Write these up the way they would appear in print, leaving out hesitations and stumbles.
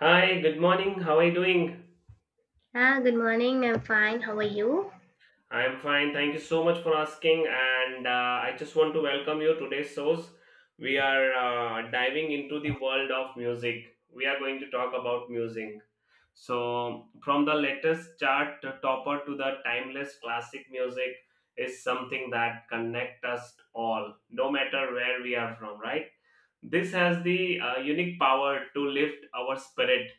Hi, good morning. How are you doing? Ah, good morning. I'm fine. How are you? I'm fine. Thank you so much for asking. And I just want to welcome you to today's shows. We are diving into the world of music. We are going to talk about music. So, from the latest chart topper to the timeless classic, music is something that connect us all, no matter where we are from, right? This has the unique power to lift our spirit,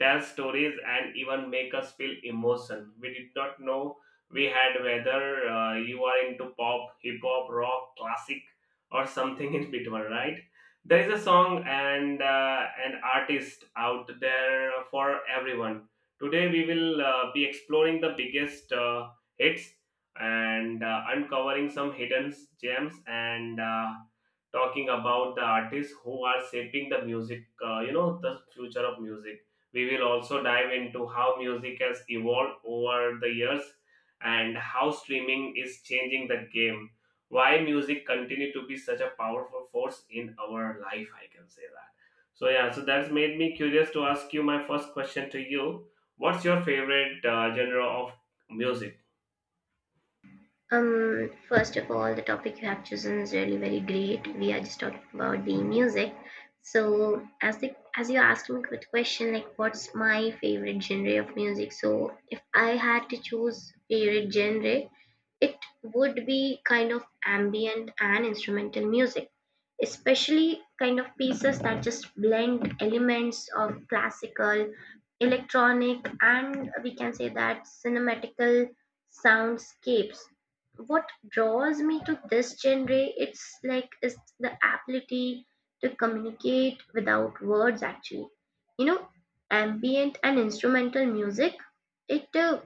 tell stories, and even make us feel emotion. We did not know we had whether you are into pop, hip hop, rock, classic, or something in between, right? There is a song and an artist out there for everyone. Today we will be exploring the biggest hits and uncovering some hidden gems and. Talking about the artists who are shaping the music, the future of music. We will also dive into how music has evolved over the years and how streaming is changing the game. Why music continue to be such a powerful force in our life, I can say that. So yeah, so that's made me curious to ask you my first question to you. What's your favorite genre of music? First of all, the topic you have chosen is really very great. We are just talking about the music. So, as you asked me the question, like, what's my favorite genre of music? So, if I had to choose favorite genre, it would be kind of ambient and instrumental music, especially kind of pieces that just blend elements of classical, electronic, and we can say that cinematical soundscapes. What draws me to this genre, it's like is the ability to communicate without words actually. You know, ambient and instrumental music, it uh,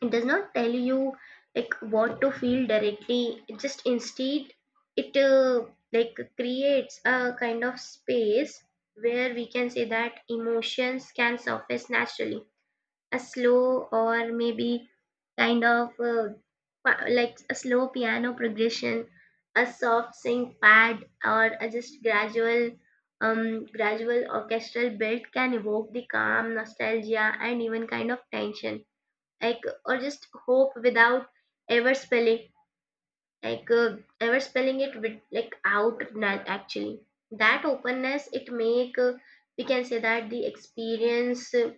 it does not tell you like what to feel directly. It just instead it like creates a kind of space where we can say that emotions can surface naturally, a slow or maybe kind of uh, like a slow piano progression, a soft sync pad or a just gradual gradual orchestral build can evoke the calm nostalgia and even kind of tension like or just hope without ever spelling ever spelling it with like out na- actually. That openness, it make we can say that the experience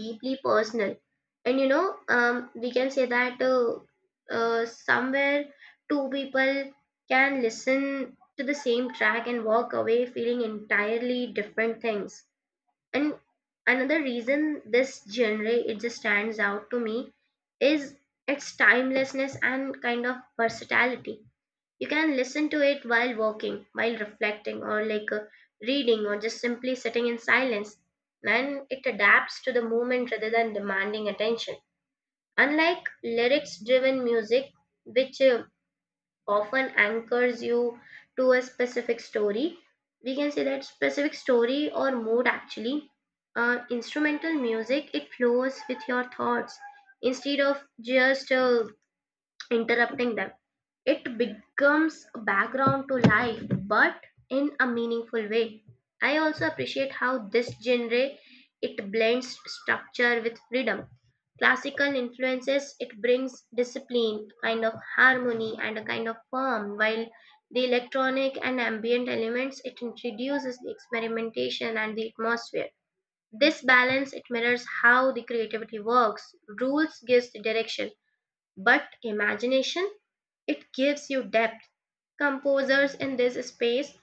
deeply personal. And you know, we can say that somewhere two people can listen to the same track and walk away feeling entirely different things. And another reason this genre it just stands out to me is its timelessness and kind of versatility. You can listen to it while walking, while reflecting, or reading, or just simply sitting in silence. And it adapts to the moment rather than demanding attention. Unlike lyrics driven music, which often anchors you to a specific story. We can say that specific story or mood actually. Instrumental music, it flows with your thoughts instead of just interrupting them. It becomes a background to life, but in a meaningful way. I also appreciate how this genre it blends structure with freedom. Classical influences it brings discipline, kind of harmony, and a kind of form, while the electronic and ambient elements it introduces the experimentation and the atmosphere. This balance it mirrors how the creativity works. Rules gives the direction, but imagination, it gives you depth. Composers in this space,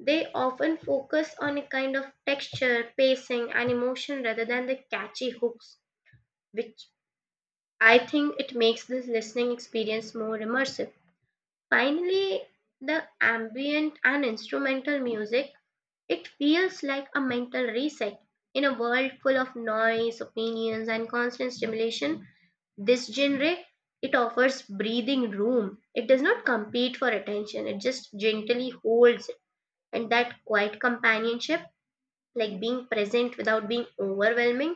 they often focus on a kind of texture, pacing, and emotion rather than the catchy hooks, which I think it makes this listening experience more immersive. Finally, the ambient and instrumental music, it feels like a mental reset. In a world full of noise, opinions, and constant stimulation, this genre it offers breathing room. It does not compete for attention. It just gently holds it. And that quiet companionship, like being present without being overwhelming,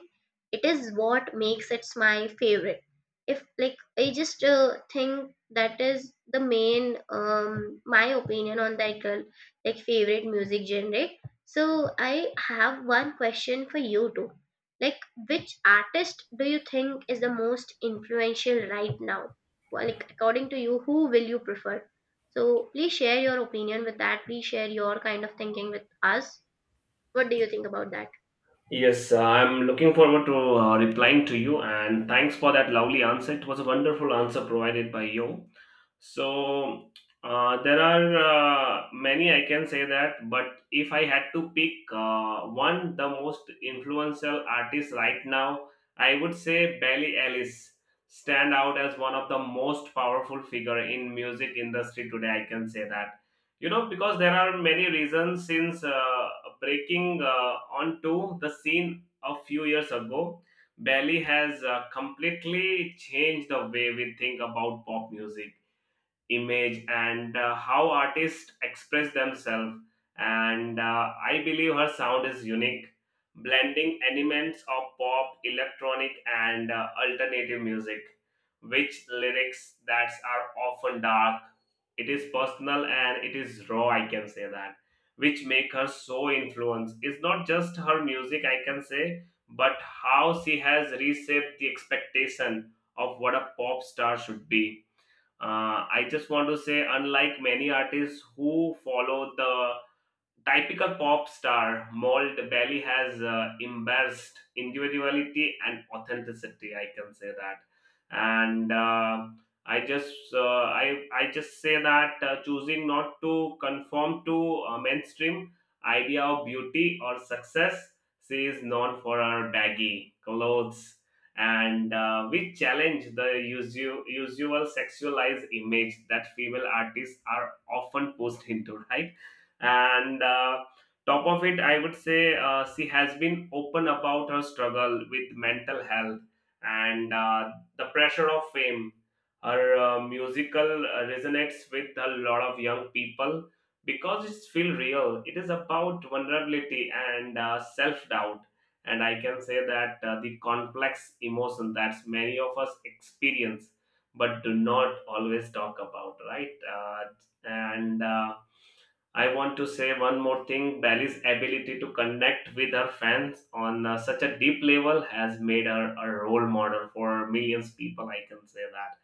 it is what makes it my favorite. If like I just think that is the main my opinion on that girl, like favorite music genre. So I have one question for you too. Like, which artist do you think is the most influential right now? Well, like according to you, who will you prefer? So please share your opinion with that. Please share your kind of thinking with us. What do you think about that? Yes, I'm looking forward to replying to you, and thanks for that lovely answer. It was a wonderful answer provided by you. So there are many I can say that, but if I had to pick one, the most influential artist right now, I would say Billie Ellis stand out as one of the most powerful figure in music industry today. I can say that, you know, because there are many reasons. Since breaking onto the scene a few years ago, Belly has completely changed the way we think about pop music image and how artists express themselves, and I believe her sound is unique, blending elements of pop, electronic, and alternative music, which lyrics that are often dark. It is personal and it is raw, I can say that, which make her so influence. It's not just her music, I can say, but how she has reshaped the expectation of what a pop star should be. I just want to say, unlike many artists who follow the typical pop star mold, Belly has embarrassed individuality and authenticity, I can say that. And I just say that, choosing not to conform to a mainstream idea of beauty or success, she is known for her baggy clothes, and we challenge the usual sexualized image that female artists are often pushed into, right? and Top of it, I would say she has been open about her struggle with mental health and the pressure of fame. Her musical resonates with a lot of young people, because it's feel real. It is about vulnerability and self doubt, and I can say that the complex emotion that many of us experience but do not always talk about, right? And I want to say one more thing. Bally's ability to connect with her fans on such a deep level has made her a role model for millions people. I can say that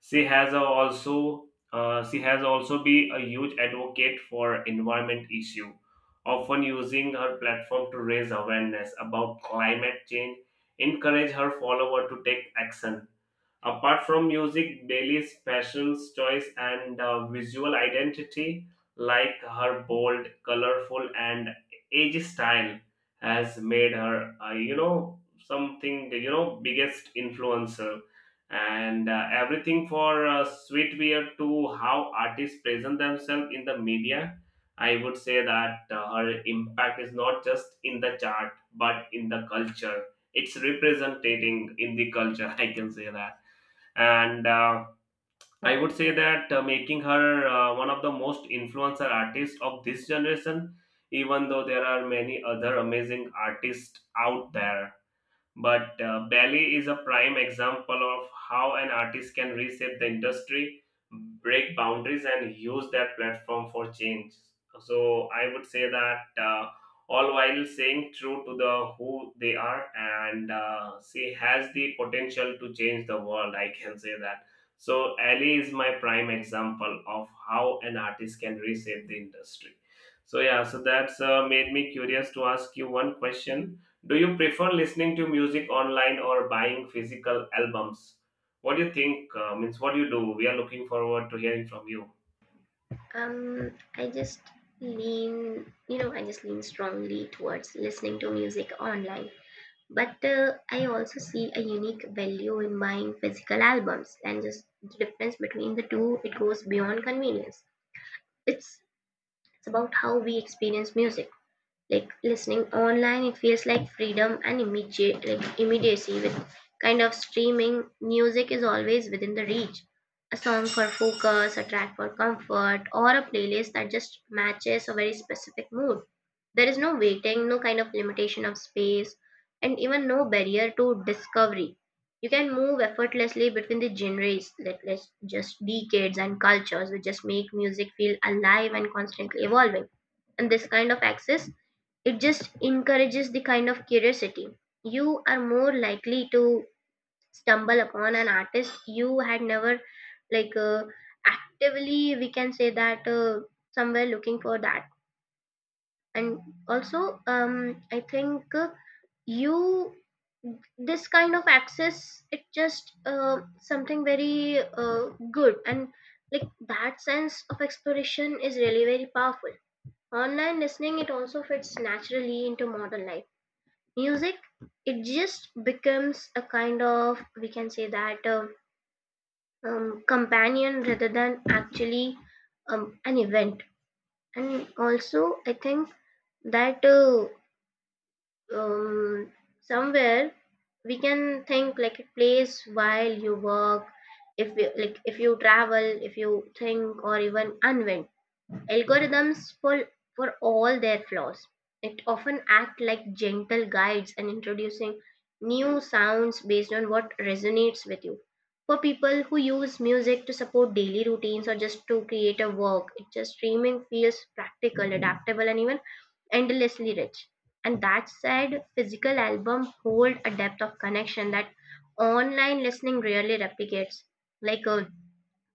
she has a also she has also be a huge advocate for environment issue, often using her platform to raise awareness about climate change, encourage her follower to take action. Apart from music, Bailey's fashion's choice and visual identity, like her bold, colorful, and edgy style, has made her, something, biggest influencer. And everything for sweetwear to how artists present themselves in the media, I would say that her impact is not just in the chart, but in the culture. It's representing in the culture, I can say that. And I would say that making her one of the most influencer artists of this generation, even though there are many other amazing artists out there. But Belly is a prime example of how an artist can reshape the industry, break boundaries, and use that platform for change. So I would say that all while staying true to the who they are, and she has the potential to change the world. I can say that. So Ali is my prime example of how an artist can reshape the industry. So yeah, so that's made me curious to ask you one question. Do you prefer listening to music online or buying physical albums? What do you think? Means what do you do? We are looking forward to hearing from you. I just lean, I just lean strongly towards listening to music online. But I also see a unique value in buying physical albums. And just the difference between the two, it goes beyond convenience. It's, it's about how we experience music. Like listening online, it feels like freedom and immediate like immediacy. With kind of streaming, music is always within the reach. A song for focus, a track for comfort, or a playlist that just matches a very specific mood. There is no waiting, no kind of limitation of space, and even no barrier to discovery. You can move effortlessly between the genres, let's just decades and cultures, which just make music feel alive and constantly evolving. And this kind of access, it just encourages the kind of curiosity. You are more likely to stumble upon an artist you had never like uh, actively, we can say that, somewhere looking for that. And also I think you, this kind of access, it just something very good. And like that sense of exploration is really very powerful. Online listening it also fits naturally into modern life. Music it just becomes a kind of, we can say that, companion rather than actually an event. And also I think that um, somewhere we can think like a place while you work, if you like, if you travel, if you think or even unwind. Algorithms, for all their flaws, it often act like gentle guides and introducing new sounds based on what resonates with you. For people who use music to support daily routines or just to create a work, it just streaming feels practical, adaptable, and even endlessly rich. And that said, physical albums hold a depth of connection that online listening rarely replicates. Like a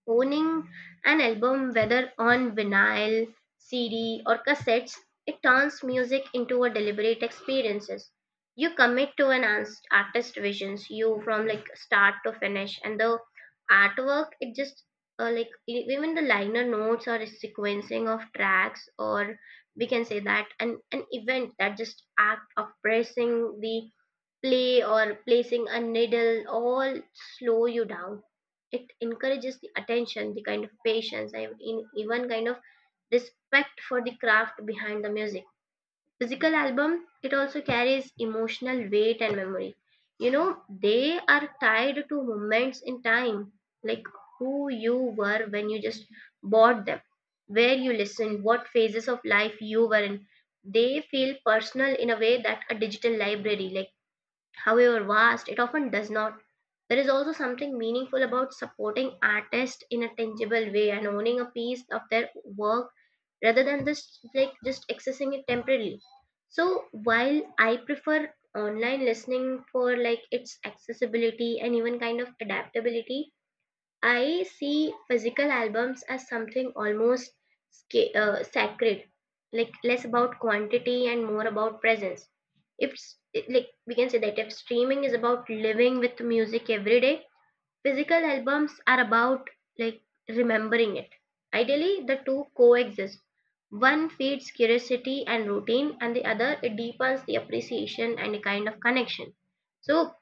Owning an album, whether on vinyl, CD, or cassettes, it turns music into a deliberate experiences. You commit to an artist visions, you from like start to finish, and the artwork it just like even the liner notes or sequencing of tracks, or we can say that an event, that just act of pressing the play or placing a needle, all slow you down. It encourages the attention, the kind of patience, and even kind of respect for the craft behind the music. Physical album it also carries emotional weight and memory. You know, they are tied to moments in time. Like who you were when you just bought them, where you listened, what phases of life you were in. They feel personal in a way that a digital library, like however vast, it often does not. There is also something meaningful about supporting artists in a tangible way and owning a piece of their work rather than just accessing it temporarily. So while I prefer online listening for like its accessibility and even kind of adaptability, I see physical albums as something almost sacred, like less about quantity and more about presence. If we can say that if streaming is about living with music every day, physical albums are about like remembering it. Ideally, the two coexist. One feeds curiosity and routine, and the other it deepens the appreciation and a kind of connection. So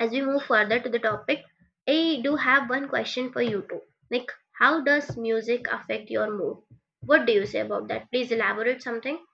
as we move further to the topic, I do have one question for you too. Like, how does music affect your mood? What do you say about that? Please elaborate something.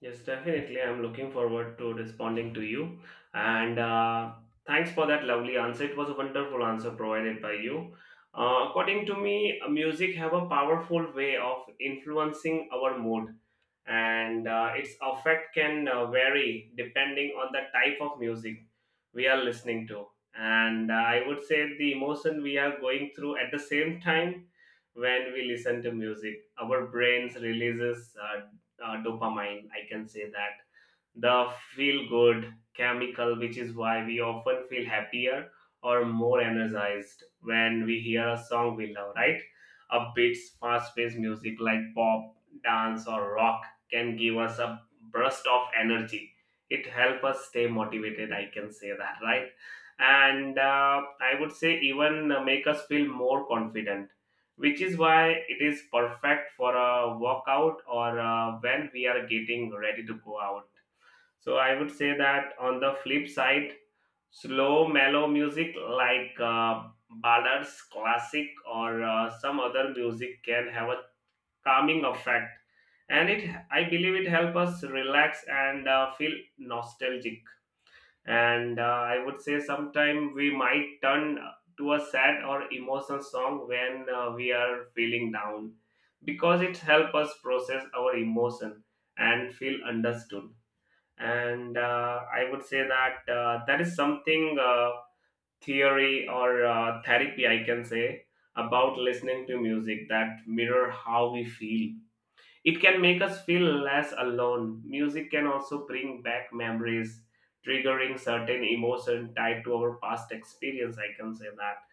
Yes, definitely. I'm looking forward to responding to you. And Thanks for that lovely answer. It was a wonderful answer provided by you. According to me, music have a powerful way of influencing our mood, and its effect can vary depending on the type of music we are listening to, and I would say the emotion we are going through at the same time. When we listen to music, our brains releases dopamine, I can say that, the feel good chemical, which is why we often feel happier or more energized when we hear a song we love, right? Upbeats, fast paced music like pop, dance, or rock can give us a burst of energy. It helps us stay motivated, I can say that, right? And I would say, even make us feel more confident, which is why it is perfect for a workout, or when we are getting ready to go out. So I would say that on the flip side, slow, mellow music like ballads, classic, or some other music can have a calming effect, and it, I believe, it helps us relax and feel nostalgic. And I would say sometime we might turn to a sad or emotional song when we are feeling down, because it helps us process our emotion and feel understood. And I would say that that is something theory or therapy, I can say, about listening to music that mirror how we feel. It can make us feel less alone. Music can also bring back memories, triggering certain emotion tied to our past experience. I can say that.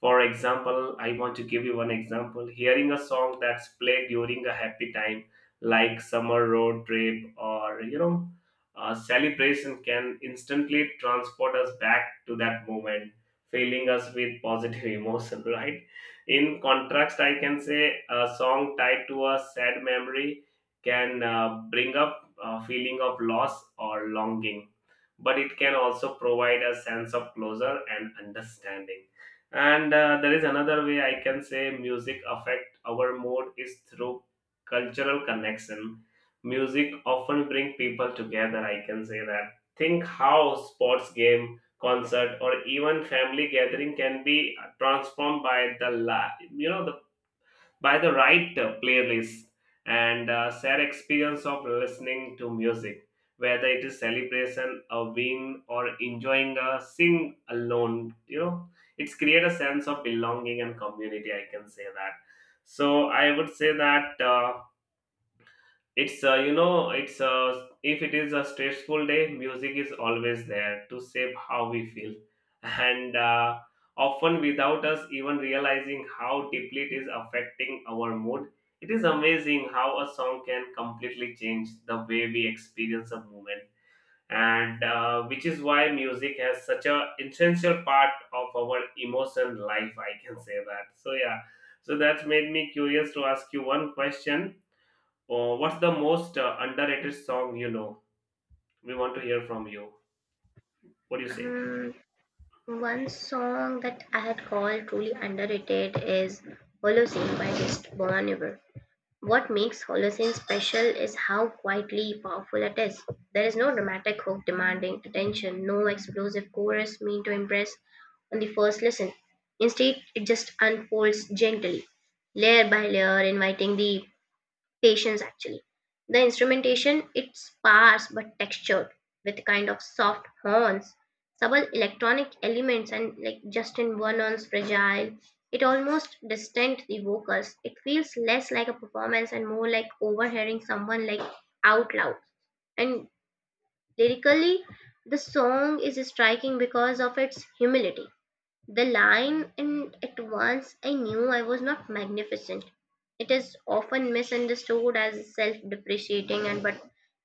For example, I want to give you one example. Hearing a song that's played during a happy time, like summer road trip, or a celebration, can instantly transport us back to that moment, filling us with positive emotion, right? In contrast, I can say a song tied to a sad memory can bring up a feeling of loss or longing, but it can also provide a sense of closure and understanding. And There is another way, I can say, music affect our mood is through cultural connection. Music often bring people together, I can say that. Think how sports game, concert, or even family gathering can be transformed by the la- you know the, by the right playlist. And share experience of listening to music, whether it is celebration, a win, or enjoying a sing alone, it's create a sense of belonging and community. I can say that. So I would say that. It's you know, it's If it is a stressful day, music is always there to shape how we feel, and often without us even realizing how deeply it is affecting our mood. It is amazing how a song can completely change the way we experience a moment, and which is why music has such a essential part of our emotion life. I can say that. So yeah, so that's made me curious to ask you one question. What's the most underrated song you know? We want to hear from you. What do you say? Um, One song that I had called truly underrated is Holocene by Just Bon Iver. What makes Holocene special is how quietly powerful it is. There is no dramatic hook demanding attention, no explosive chorus meant to impress on the first listen. Instead, it just unfolds gently, layer by layer, inviting the patience actually. The instrumentation it's sparse but textured, with kind of soft horns, subtle electronic elements, and like Justin Vernon's fragile, it almost distant the vocals. It feels less like a performance and more like overhearing someone like out loud. And lyrically, the song is striking because of its humility. The line, "and at once I knew I was not magnificent." It is often misunderstood as self-depreciating, and but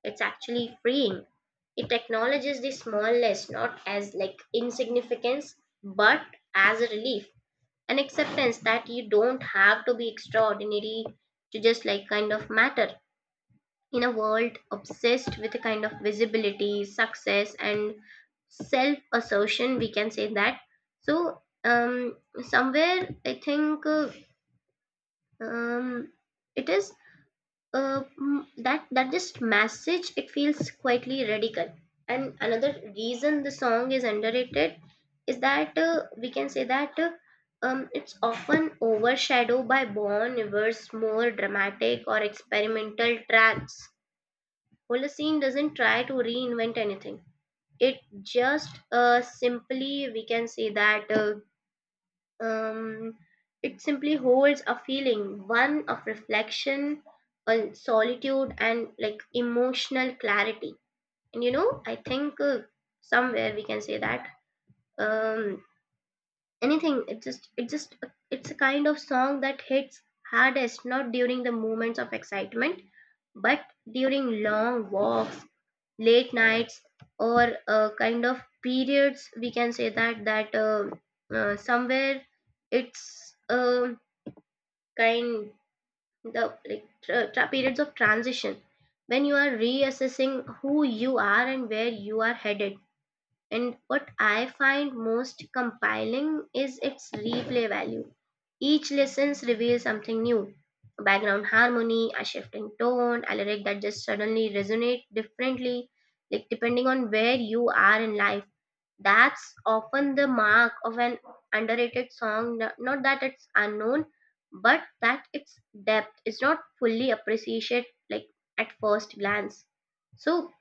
it's actually freeing. It acknowledges the smallness not as like insignificance but as a relief. An acceptance that you don't have to be extraordinary to just like kind of matter in a world obsessed with a kind of visibility, success, and self assertion, we can say that. So, um, somewhere I think um, it is that just message, it feels quietly radical. And another reason the song is underrated is that we can say that it's often overshadowed by Bon Iver's more dramatic or experimental tracks. Holocene doesn't try to reinvent anything. It just simply, we can say that, um, it simply holds a feeling, one of reflection, solitude, and like emotional clarity. And you know, I think somewhere we can say that um, anything. It just, it's a kind of song that hits hardest not during the moments of excitement, but during long walks, late nights, or kind of periods, we can say that, that somewhere it's kind the like periods of transition, when you are reassessing who you are and where you are headed. And what I find most compelling is its replay value. Each listens reveals something new. A background harmony, a shift in tone, a lyric that just suddenly resonate differently, like depending on where you are in life. That's often the mark of an underrated song. Not that it's unknown, but that its depth is not fully appreciated like at first glance. So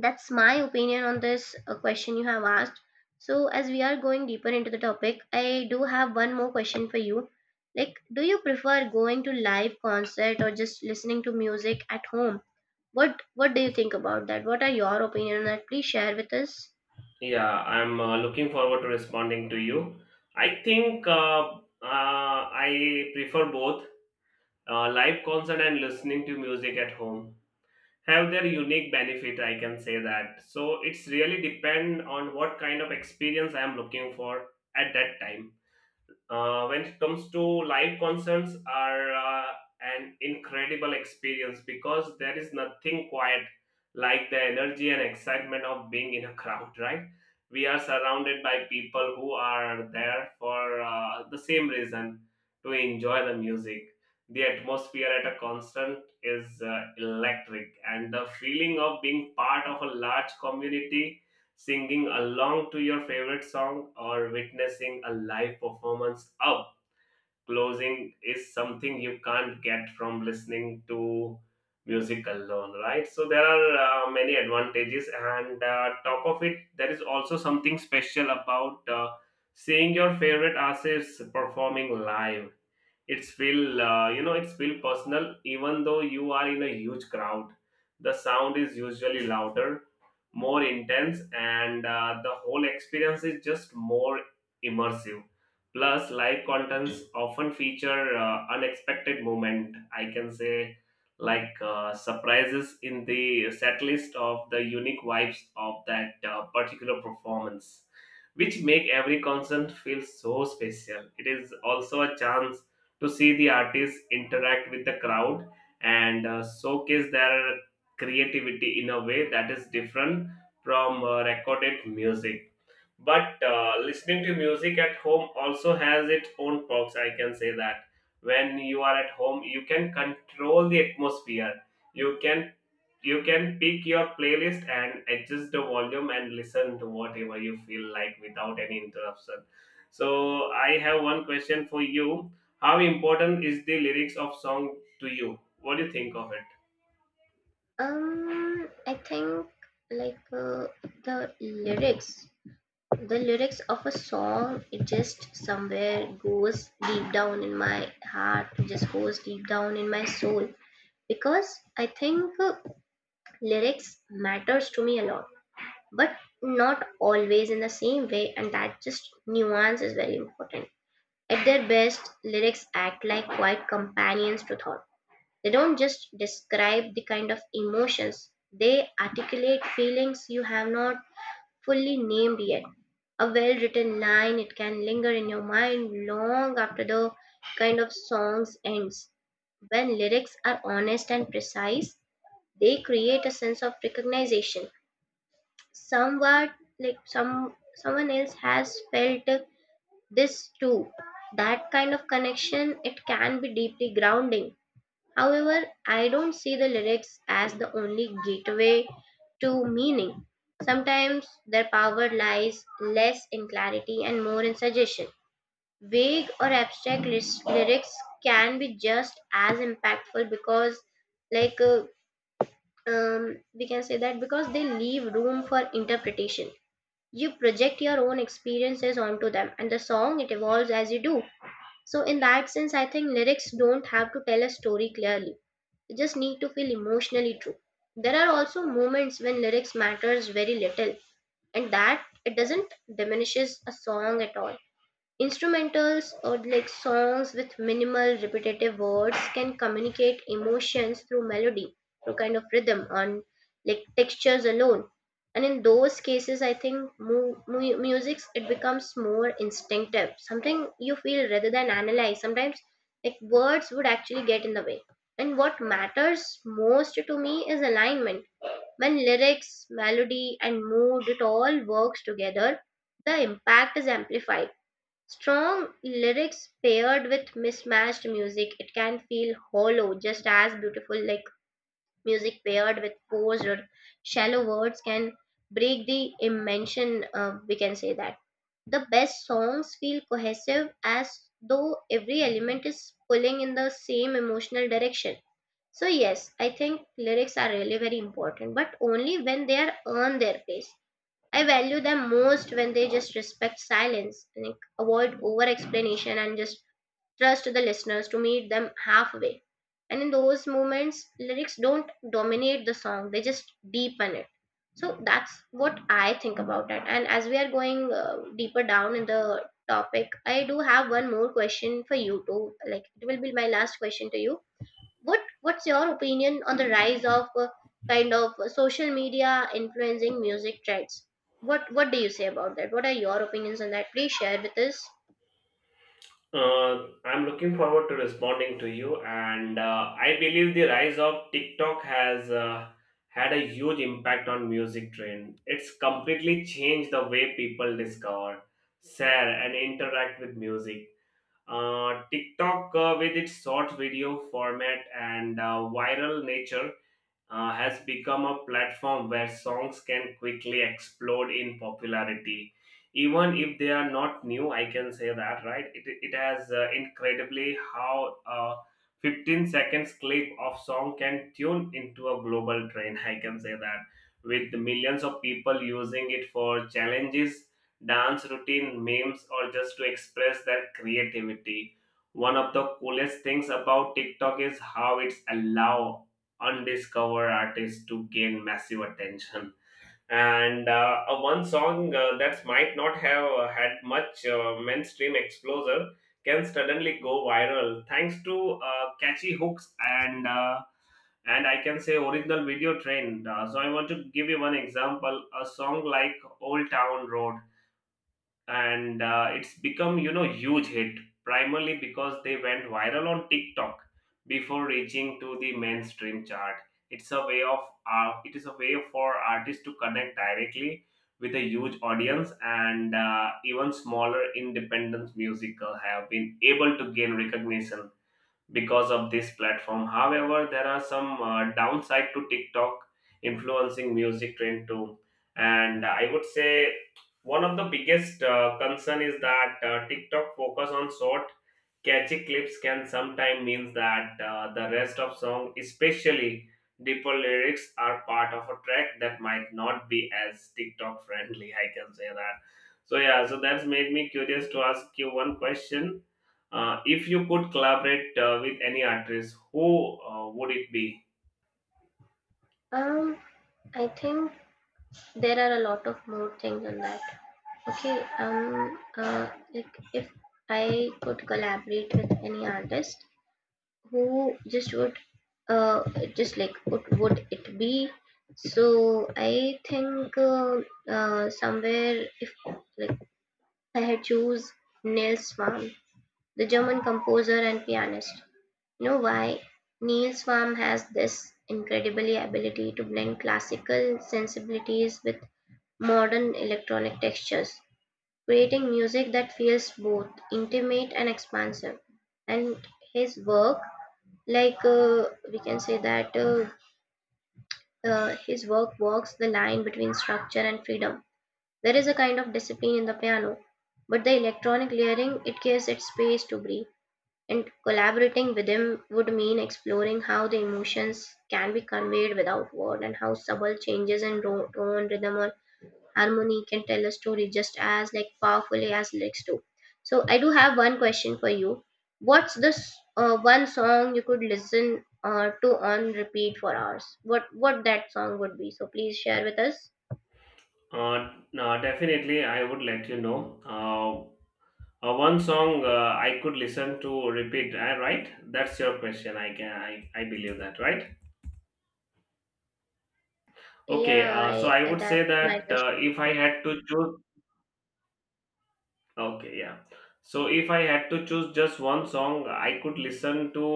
that's my opinion on this question you have asked. So, as we are going deeper into the topic, I do have one more question for you. Like, do you prefer going to live concert or just listening to music at home? What do you think about that? What are your opinion on that? Please share with us. Yeah, I'm looking forward to responding to you. I prefer both live concert and listening to music at home have their unique benefit. I can say that. So it's really depend on what kind of experience I am looking for at that time. When it comes to live concerts are an incredible experience because there is nothing quite like the energy and excitement of being in a crowd, right? We are surrounded by people who are there for the same reason, to enjoy the music. The atmosphere at a concert is electric, and the feeling of being part of a large community, singing along to your favorite song or witnessing a live performance up closing, is something you can't get from listening to music alone, right? So there are many advantages, and top of it there is also something special about seeing your favorite artists performing live. It's feel it's feel personal even though you are in a huge crowd. The sound is usually louder, more intense, and the whole experience is just more immersive. Plus, live contents often feature unexpected moment, I can say, like surprises in the set list of the unique vibes of that particular performance, which make every concert feel so special. It is also a chance to see the artists interact with the crowd and showcase their creativity in a way that is different from recorded music. But listening to music at home also has its own perks, I can say that. When you are at home, you can control the atmosphere. You can you can pick your playlist and adjust the volume and listen to whatever you feel like without any interruption. So I have one question for you: how important is the lyrics of song to you? What do you think of it? I think like uh, the lyrics The lyrics of a song, it just somewhere goes deep down in my heart, it just goes deep down in my soul because I think lyrics matters to me a lot, but not always in the same way, and that just nuance is very important. At their best, lyrics act like quiet companions to thought. They don't just describe the kind of emotions, they articulate feelings you have not fully named yet. A well written line, it can linger in your mind long after the kind of songs ends. When lyrics are honest and precise, they create a sense of recognition. Somewhat like someone else has felt this too. That kind of connection it can be deeply grounding. However, I don't see the lyrics as the only gateway to meaning. Sometimes their power lies less in clarity and more in suggestion. Vague or abstract lyrics can be just as impactful because, like, uh, we can say that because they leave room for interpretation. You project your own experiences onto them, and the song it evolves as you do. So, in that sense, I think lyrics don't have to tell a story clearly, you just need to feel emotionally true. There are also moments when lyrics matters very little and that it doesn't diminishes a song at all. Instrumentals or like songs with minimal repetitive words can communicate emotions through melody, through kind of rhythm on like textures alone. And in those cases, I think music it becomes more instinctive, something you feel rather than analyze. Sometimes like words would actually get in the way. And what matters most to me is alignment. When lyrics, melody, and mood it all works together, the impact is amplified. Strong lyrics paired with mismatched music, it can feel hollow, just as beautiful like music paired with forced or shallow words can break the immersion. We can say that the best songs feel cohesive as though every element is pulling in the same emotional direction. So, yes, I think lyrics are really very important, but only when they are earn their place. I value them most when they just respect silence, like avoid over explanation and just trust the listeners to meet them halfway. And in those moments, lyrics don't dominate the song, they just deepen it. So that's what I think about it. And as we are going deeper down in the topic, I do have one more question for you too. Like it will be my last question to you. What's your opinion on the rise of kind of social media influencing music trends? What do you say about that? What are your opinions on that? Please share with us. I'm looking forward to responding to you, and I believe the rise of TikTok has had a huge impact on music trend. It's completely changed the way people discover, share, and interact with music. TikTok, with its short video format and viral nature, has become a platform where songs can quickly explode in popularity. Even if they are not new, I can say that, right? It has incredibly how a 15 seconds clip of song can tune into a global trend. I can say that, with millions of people using it for challenges, dance routine, memes, or just to express their creativity. One of the coolest things about TikTok is how it's allow undiscovered artists to gain massive attention. And One song that might not have had much mainstream exposure can suddenly go viral thanks to catchy hooks and I can say original video trend. So I want to give you one example: a song like "Old Town Road," and it's become, huge hit, primarily because they went viral on TikTok before reaching to the mainstream chart. It's a way of it is a way for artists to connect directly with a huge audience, and even smaller independent musical have been able to gain recognition because of this platform. However, there are some downside to TikTok influencing music trend too. And I would say one of the biggest concern is that TikTok focus on short catchy clips can sometimes mean that the rest of song, especially deeper lyrics, are part of a track that might not be as TikTok friendly. I can say that. So yeah, so that's made me curious to ask you one question. If you could collaborate with any artist, who would it be? Um, I think there are a lot of more things on that. Okay. Like if I could collaborate with any artist, who just would, uh, just like what would it be? So I think somewhere if like I had Verheytuse Niels Swam, the German composer and pianist. You know why? Niels Swam has this incredible ability to blend classical sensibilities with modern electronic textures, creating music that feels both intimate and expansive. And his work, like we can say that his work walks the line between structure and freedom. There is a kind of discipline in the piano, but the electronic layering it gives it space to breathe. And collaborating with him would mean exploring how the emotions can be conveyed without word and how subtle changes in tone, rhythm, or harmony can tell a story just as like powerfully as lyrics do. So I do have one question for you. What's this one song you could listen to on repeat for hours? What that song would be? So please share with us. No, definitely, I would let you know. One song I could listen to repeat. Right? That's your question. I can. I believe that, right? Okay, Yeah, so I would that's say my that question. If I had to choose, okay, yeah. So if I had to choose just one song I could listen to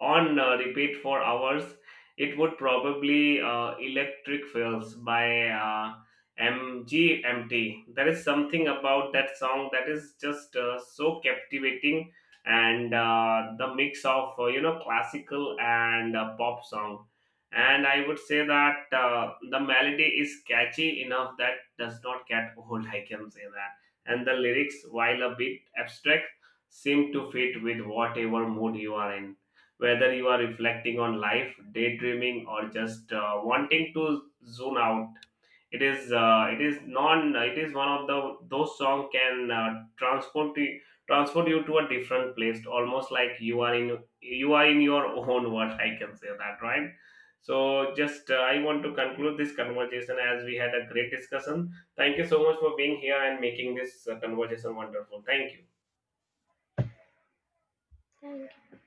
on repeat for hours, it would probably Electric Feels by MGMT. There is something about that song that is just so captivating, and the mix of classical and pop song. And I would say that the melody is catchy enough that does not get old. I can say that, and the lyrics, while a bit abstract, seem to fit with whatever mood you are in. Whether you are reflecting on life, daydreaming, or just wanting to zone out, it is one of the those song can transport you to a different place, almost like you are in your own world. I can say that, right. So just I want to conclude this conversation as we had a great discussion. Thank you so much for being here and making this conversation wonderful. Thank you. Thank you.